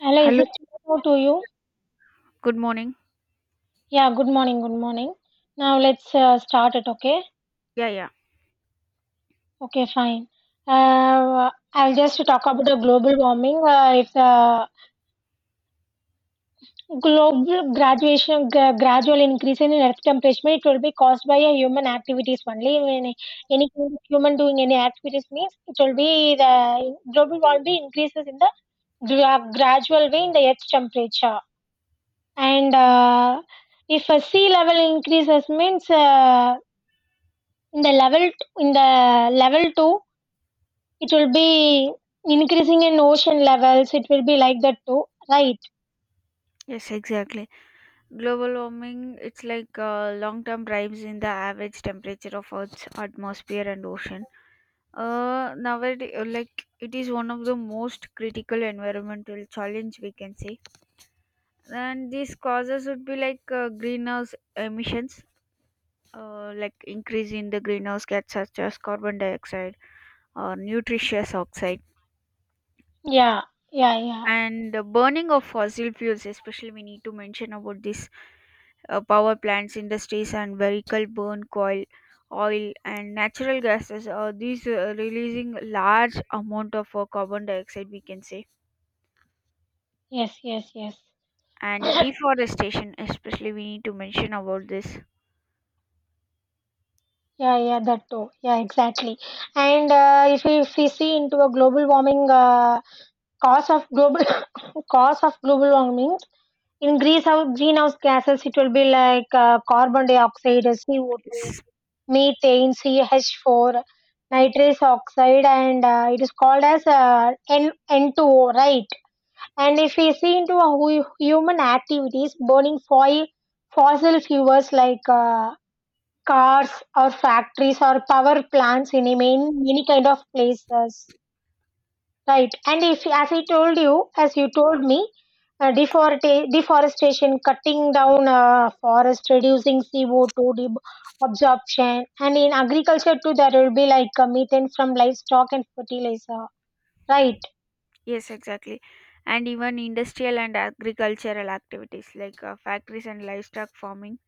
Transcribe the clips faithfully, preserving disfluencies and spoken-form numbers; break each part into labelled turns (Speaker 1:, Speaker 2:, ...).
Speaker 1: Ella, is
Speaker 2: Hello,
Speaker 1: it clear to you?
Speaker 2: good morning.
Speaker 1: Yeah, good morning, good morning. Now let's uh, start it, okay?
Speaker 2: Yeah, yeah.
Speaker 1: Okay, fine. Uh, I'll just talk about the global warming. Uh, if the global graduation, gra- gradual increase in earth temperature, it will be caused by a human activities only. When any human doing any activities means it will be the global warming increases in the gra- gradual way in the earth temperature. And uh, if a sea level increases means. Uh, in the level in the level two, it will be increasing in ocean levels. It will be like that too, right?
Speaker 2: Yes, exactly. Global warming, it's like uh, long-term rise in the average temperature of Earth's atmosphere and ocean. Uh, nowadays, uh, like it is one of the most critical environmental challenge we can say, and these causes would be like uh, greenhouse emissions, uh, like increase in the greenhouse gas such as carbon dioxide or nutritious oxide,
Speaker 1: Yeah, yeah, yeah.
Speaker 2: and the burning of fossil fuels, especially we need to mention about this. Uh, power plants, industries and vehicle burn coal, oil and natural gases. Uh, these uh, Releasing large amount of uh, carbon dioxide, we can say,
Speaker 1: Yes, yes, yes.
Speaker 2: and deforestation, especially we need to mention about this.
Speaker 1: Yeah, yeah, that too, yeah, exactly. And uh, if we if we see into a global warming, uh, cause of global cause of global warming in greenhouse greenhouse gases, it will be like uh, carbon dioxide C O two,
Speaker 2: Yes,
Speaker 1: methane, C H four, nitrous oxide, and uh, it is called as uh, N- N2O, right? And if we see into a hu- human activities, burning foil, fossil fuels like uh, cars or factories or power plants in a main, many kind of places. Right. And if, as I told you, as you told me, uh, deforesta- deforestation, cutting down uh, forest, reducing C O two deb- absorption, and in agriculture too, there will be like uh, methane from livestock and fertilizer. Right.
Speaker 2: yes, exactly. And even industrial and agricultural activities like uh, factories and livestock farming.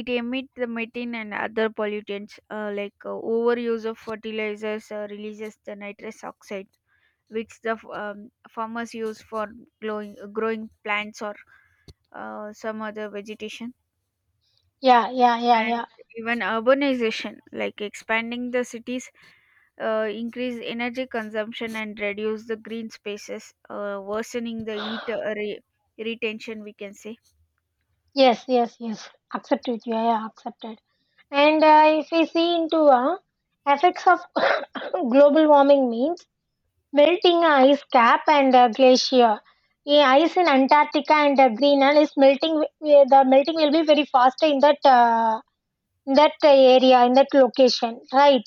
Speaker 2: It emits the methane and other pollutants, uh, like uh, overuse of fertilizers uh, releases the nitrous oxide, which the um, farmers use for growing, growing plants or uh, some other vegetation.
Speaker 1: Yeah, yeah, yeah,
Speaker 2: And
Speaker 1: yeah.
Speaker 2: even urbanization, like expanding the cities, uh, increase energy consumption and reduce the green spaces, uh, worsening the heat uh, re- retention, we can say.
Speaker 1: Yes, yes, yes. Accepted. Yeah, yeah, accepted. And uh, if we see into uh, effects of global warming means melting ice cap and uh, glacier. The ice in Antarctica and uh, Greenland is melting. wi- wi- The melting will be very faster in that uh, in that uh, area in that location, right?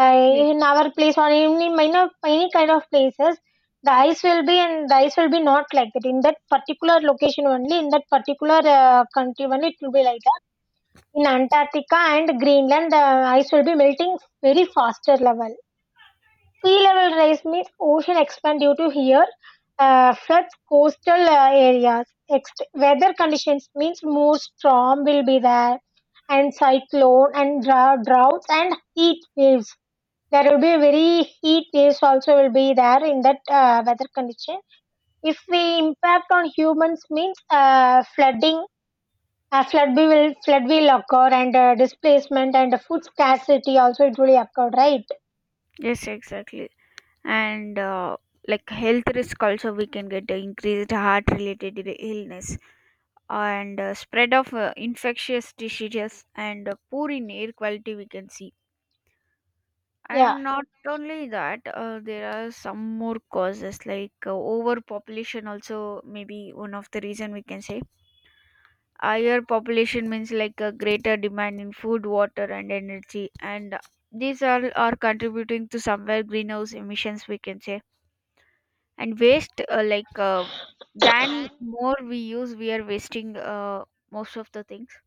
Speaker 1: Uh,
Speaker 2: Yes,
Speaker 1: in our place or in any minor any kind of places, the ice will be and the ice will be not like that in that particular location only, in that particular uh, country only it will be like that. In Antarctica and Greenland, the ice will be melting very faster level. Sea level rise means ocean expand due to here, uh, floods coastal uh, areas. Ext- weather conditions means more storm will be there and cyclone and dra- droughts and heat waves. There will be very heat waves also will be there in that uh, weather condition. If we impact on humans means uh, flooding, uh, flood we will flood will occur and uh, displacement and food scarcity also it will occur, right?
Speaker 2: yes, exactly. And uh, like health risk also we can get, the increased heart related illness and uh, spread of uh, infectious diseases and uh, poor in air quality we can see.
Speaker 1: Yeah.
Speaker 2: And not only that, uh, there are some more causes like uh, overpopulation, also maybe one of the reason we can say. Higher population means like a greater demand in food, water and energy, and these all are contributing to somewhere greenhouse emissions, we can say. And waste, uh, like uh, than more we use, we are wasting uh, most of the things,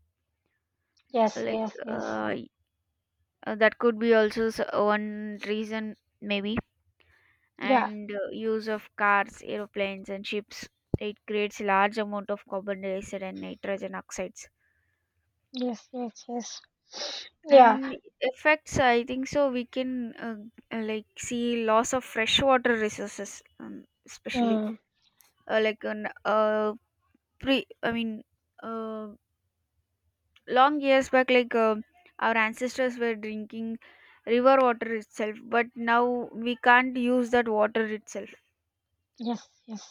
Speaker 1: Yes.
Speaker 2: like
Speaker 1: Yes. Yes.
Speaker 2: uh, y- uh, that could be also s- one reason maybe.
Speaker 1: Yeah.
Speaker 2: And uh, use of cars, aeroplanes and ships, it creates large amount of carbon dioxide and nitrogen oxides.
Speaker 1: Yes, yes, yes. Yeah.
Speaker 2: And effects, I think so, we can uh, like see loss of freshwater resources, um, especially
Speaker 1: Mm,
Speaker 2: uh, like an uh, pre I mean uh, long years back, like uh, our ancestors were drinking river water itself, but now we can't use that water itself.
Speaker 1: yes, yes.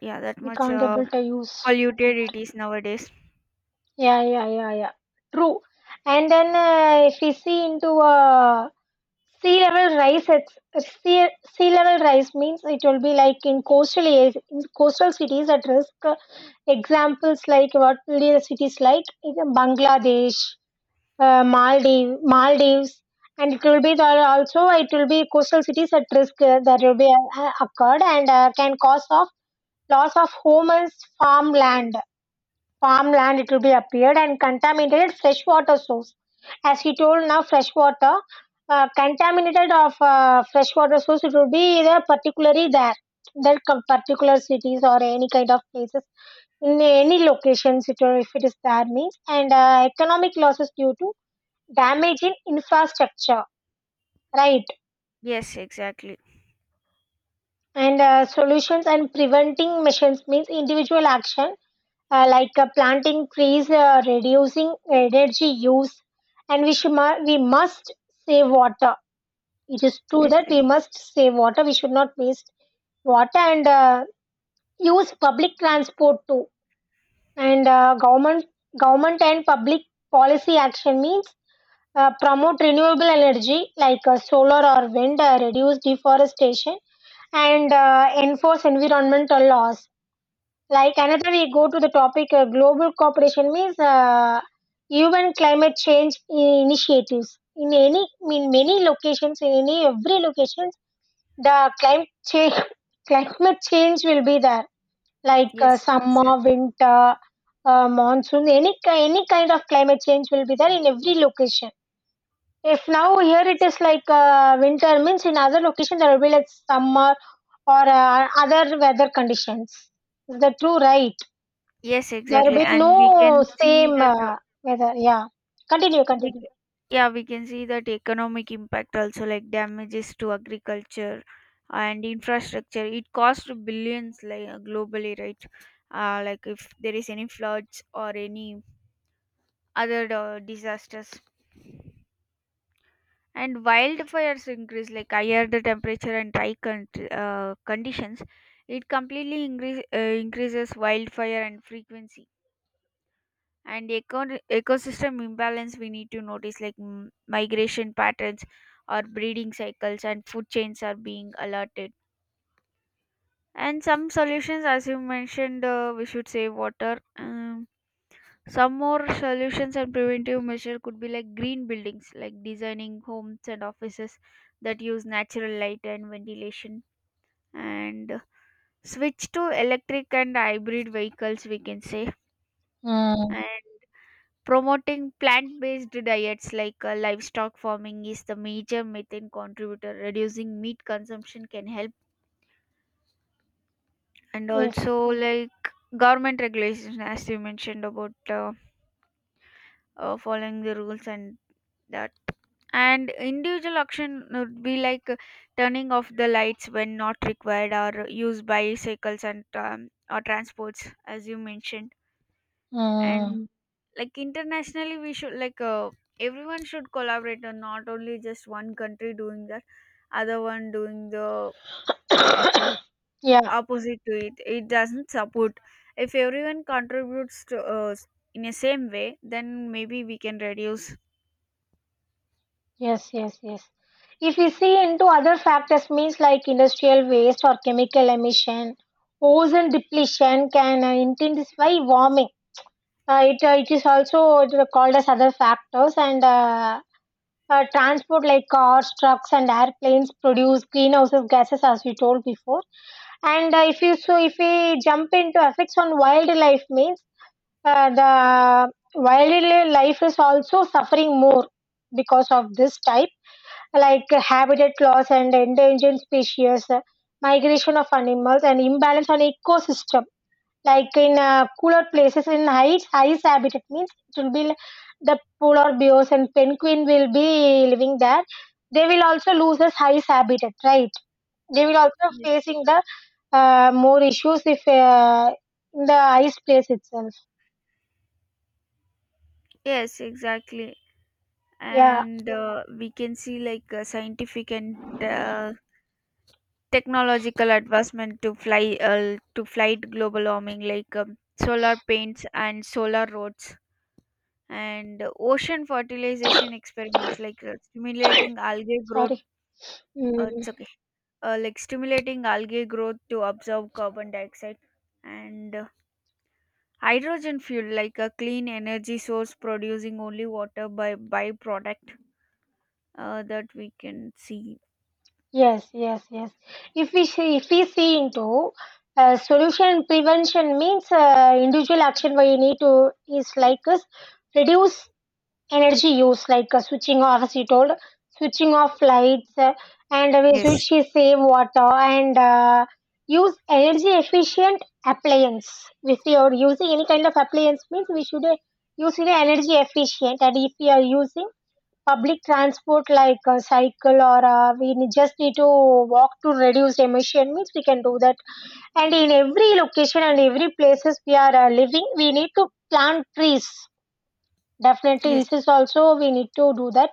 Speaker 2: Yeah, that
Speaker 1: We
Speaker 2: much
Speaker 1: can't
Speaker 2: uh,
Speaker 1: able to use.
Speaker 2: polluted it is nowadays.
Speaker 1: Yeah, yeah, yeah, yeah. True. And then uh, if we see into uh, sea level rise, it's, it's sea, sea level rise means it will be like in coastal areas, in coastal cities at risk. Uh, examples like what will be the cities like in Bangladesh, uh, Maldives, Maldives, and it will be there also. It will be coastal cities at risk, uh, that will be uh, occurred and uh, can cause of loss of homes, farmland, farmland. It will be appeared and contaminated freshwater source. As he told now, freshwater, uh, contaminated of uh, freshwater source. It will be there particularly there, that co- particular cities or any kind of places in any locations, it, if it is there means and uh, economic losses due to damage in infrastructure, right?
Speaker 2: Yes, exactly.
Speaker 1: And uh, solutions and preventing measures means individual action, uh, like uh, planting trees, uh, reducing energy use, and we should mu- we must save water. It is true
Speaker 2: yes
Speaker 1: that we
Speaker 2: ex-
Speaker 1: must save water. We should not waste water and uh, use public transport too. And uh, government government and public policy action means uh, promote renewable energy like uh, solar or wind, uh, reduce deforestation and uh, enforce environmental laws. Like another, we go to the topic uh, global cooperation means uh, U N climate change initiatives. In any, in many locations, in any every locations, the climate change climate change will be there. Like uh,
Speaker 2: yes,
Speaker 1: summer,
Speaker 2: exactly.
Speaker 1: winter, uh, monsoon, any ki- any kind of climate change will be there in every location. If now here it is like uh, winter, means in other location there will be like summer or uh, other weather conditions. Is that true, right?
Speaker 2: Yes,
Speaker 1: There will
Speaker 2: exactly.
Speaker 1: be
Speaker 2: And we
Speaker 1: no
Speaker 2: can see
Speaker 1: same
Speaker 2: that, uh,
Speaker 1: uh, weather. Yeah. Continue,
Speaker 2: we
Speaker 1: continue.
Speaker 2: ca- yeah, we can see that economic impact also, like damages to agriculture and infrastructure, it costs billions like uh, globally, right? Uh, like if there is any floods or any other uh, disasters, and wildfires increase, like higher the temperature and dry con- uh, conditions, it completely increase, uh, increases wildfire and frequency. And eco- ecosystem imbalance we need to notice, like m- migration patterns or breeding cycles and food chains are being alerted. And some solutions, as you mentioned, uh, we should save water. Um, some more solutions and preventive measure could be like green buildings, like designing homes and offices that use natural light and ventilation, and uh, switch to electric and hybrid vehicles, we can say.
Speaker 1: Mm.
Speaker 2: And promoting plant based diets, like uh, livestock farming is the major methane contributor. Reducing meat consumption can help. And
Speaker 1: Yes.
Speaker 2: also like government regulations, as you mentioned, about uh, uh, following the rules and that, and individual action would be like uh, turning off the lights when not required, or use bicycles and um, or transports as you mentioned.
Speaker 1: Mm.
Speaker 2: And like internationally we should, like uh, everyone should collaborate and not only just one country doing that, other one doing the
Speaker 1: Yeah.
Speaker 2: opposite to it, it doesn't support. If everyone contributes to us in the same way, then maybe we can reduce.
Speaker 1: Yes, yes, yes. If we see into other factors, means like industrial waste or chemical emission, ozone depletion can uh, intensify warming. Uh, it uh, it is also called as other factors, and uh, uh, transport like cars, trucks, and airplanes produce greenhouse gases as we told before. And uh, if you so if we jump into effects on wildlife means uh, the wildlife is also suffering more because of this type, like habitat loss and endangered species, uh, migration of animals, and imbalance on ecosystem, like in uh, cooler places in ice ice habitat means it will be l- the polar bears and penguin will be living there. They will also lose this ice habitat, right? They will also
Speaker 2: Yes.
Speaker 1: facing the uh, more issues if uh, in the ice place itself.
Speaker 2: Yes, exactly.
Speaker 1: Yeah.
Speaker 2: And uh, we can see like uh, scientific and uh, technological advancement to fly uh, to fight global warming, like um, solar paints and solar roads and ocean fertilization experiments, like uh, stimulating algae growth.
Speaker 1: Sorry. Mm,
Speaker 2: Uh, it's okay. Uh, like stimulating algae growth to absorb carbon dioxide, and uh, hydrogen fuel like a clean energy source, producing only water by byproduct, uh, that we can see.
Speaker 1: yes, yes, yes. If we see if we see into uh, solution prevention means uh, individual action where you need to is like us, reduce energy use like uh, switching off, as you told, switching off lights, uh, and we
Speaker 2: Yes,
Speaker 1: switch to save water and uh, use energy efficient appliance. If you are using any kind of appliance means we should uh, use it energy efficient. And if you are using public transport like a cycle or uh, we ne- just need to walk to reduce emission means we can do that. And in every location and every places we are uh, living, we need to plant trees. Definitely,
Speaker 2: yes.
Speaker 1: this is also we need to do that.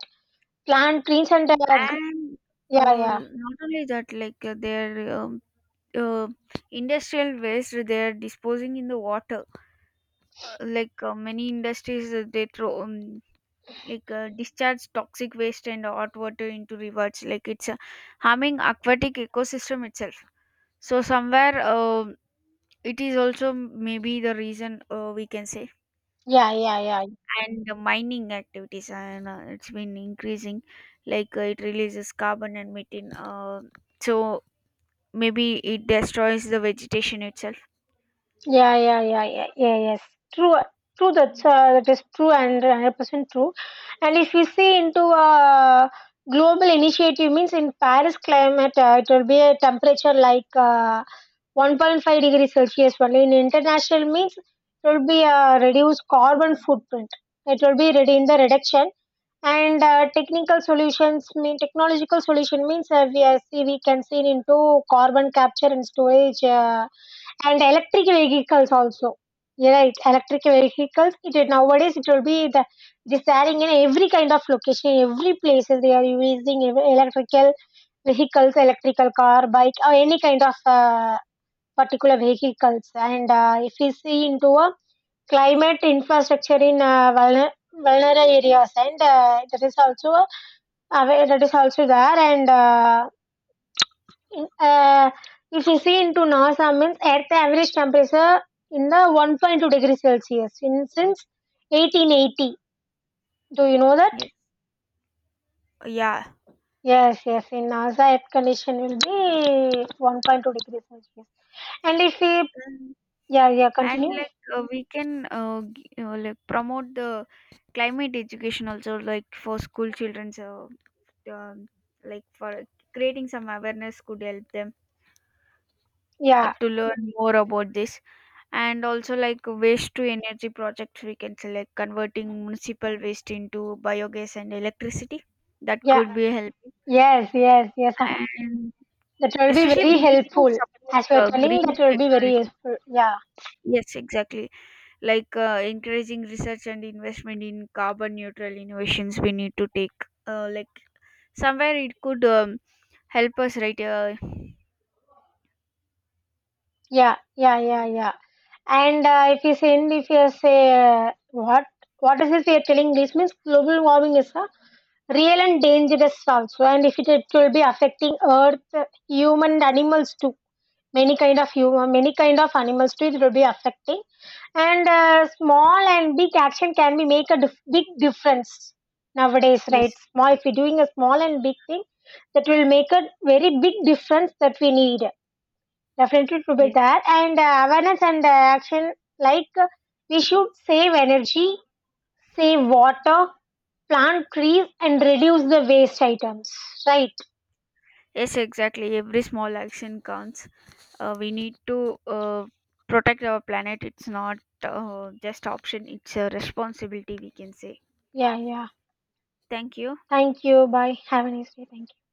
Speaker 1: Plant trees and uh, g-
Speaker 2: And
Speaker 1: yeah,
Speaker 2: uh,
Speaker 1: yeah,
Speaker 2: not only that, like uh, their um, uh, industrial waste they are disposing in the water. Uh, like uh, many industries, uh, they throw um, like uh, discharge toxic waste and hot water into rivers, like it's uh, harming aquatic ecosystem itself. So somewhere uh, it is also maybe the reason, uh, we can say.
Speaker 1: yeah, yeah, yeah.
Speaker 2: And the mining activities, and uh, it's been increasing, like uh, it releases carbon and methane, uh, so maybe it destroys the vegetation itself.
Speaker 1: Yeah, yeah, yeah, yeah, yeah, yes. True, true. That's uh, that is true and hundred percent true. And if we see into a global initiative, means in Paris climate, uh, it will be a temperature like uh, one point five degree Celsius. Only in international means it will be a reduced carbon footprint. It will be ready in the reduction, and uh, technical solutions mean technological solution means uh, we are see we can see into carbon capture and storage. Uh, and electric vehicles also. Yeah, right, electric vehicles. It is nowadays it will be the, it is there in every kind of location, every places they are using ev- electrical vehicles, electrical car, bike, or any kind of uh, particular vehicles. And uh, if we see into a climate infrastructure in uh, vulner- vulnerable areas, and uh, that is also a, aware- that is also there and. Uh, uh, if you see into NASA means Earth average temperature in the one point two degrees Celsius in, since eighteen eighty. Do you know that?
Speaker 2: Yes. Yeah.
Speaker 1: Yes, yes. In NASA, Earth condition will be one point two degrees Celsius. And if we, yeah, yeah,
Speaker 2: And
Speaker 1: continue.
Speaker 2: like uh, we can uh, g- uh, like promote the climate education also, like for school children, so um, like for creating some awareness could help them uh,
Speaker 1: Yeah,
Speaker 2: to learn more about this. And also like waste to energy projects, we can say, like converting municipal waste into biogas and electricity, that
Speaker 1: yeah,
Speaker 2: could be helping.
Speaker 1: yes, yes, yes.
Speaker 2: And
Speaker 1: That will be
Speaker 2: especially
Speaker 1: very
Speaker 2: we need to
Speaker 1: helpful.
Speaker 2: support
Speaker 1: As you are
Speaker 2: uh,
Speaker 1: telling,
Speaker 2: green
Speaker 1: that will be very
Speaker 2: technology.
Speaker 1: useful. Yeah.
Speaker 2: Yes, exactly. Like uh, encouraging research and investment in carbon neutral innovations we need to take, uh, like somewhere it could um, help us, right? Uh,
Speaker 1: Yeah, yeah, yeah, yeah. And uh, if you say, if you say, uh, what what is it you're telling? This means global warming is a real and dangerous also, and if it, it will be affecting Earth, human, and animals too. Many kind of human, many kind of animals too. It will be affecting, and uh, small and big action can be make a dif- big difference nowadays, right?
Speaker 2: yes,
Speaker 1: Small, if we are doing a small and big thing, that will make a very big difference that we need definitely to be
Speaker 2: yes.
Speaker 1: there, and uh, awareness and uh, action, like uh, we should save energy, save water, plant trees, and reduce the waste items, right?
Speaker 2: Yes, exactly, every small action counts. Uh, we need to uh, protect our planet. It's not uh, just option, it's a responsibility, we can say.
Speaker 1: Yeah, yeah.
Speaker 2: Thank you.
Speaker 1: Thank you. Bye, have a nice day. Thank you.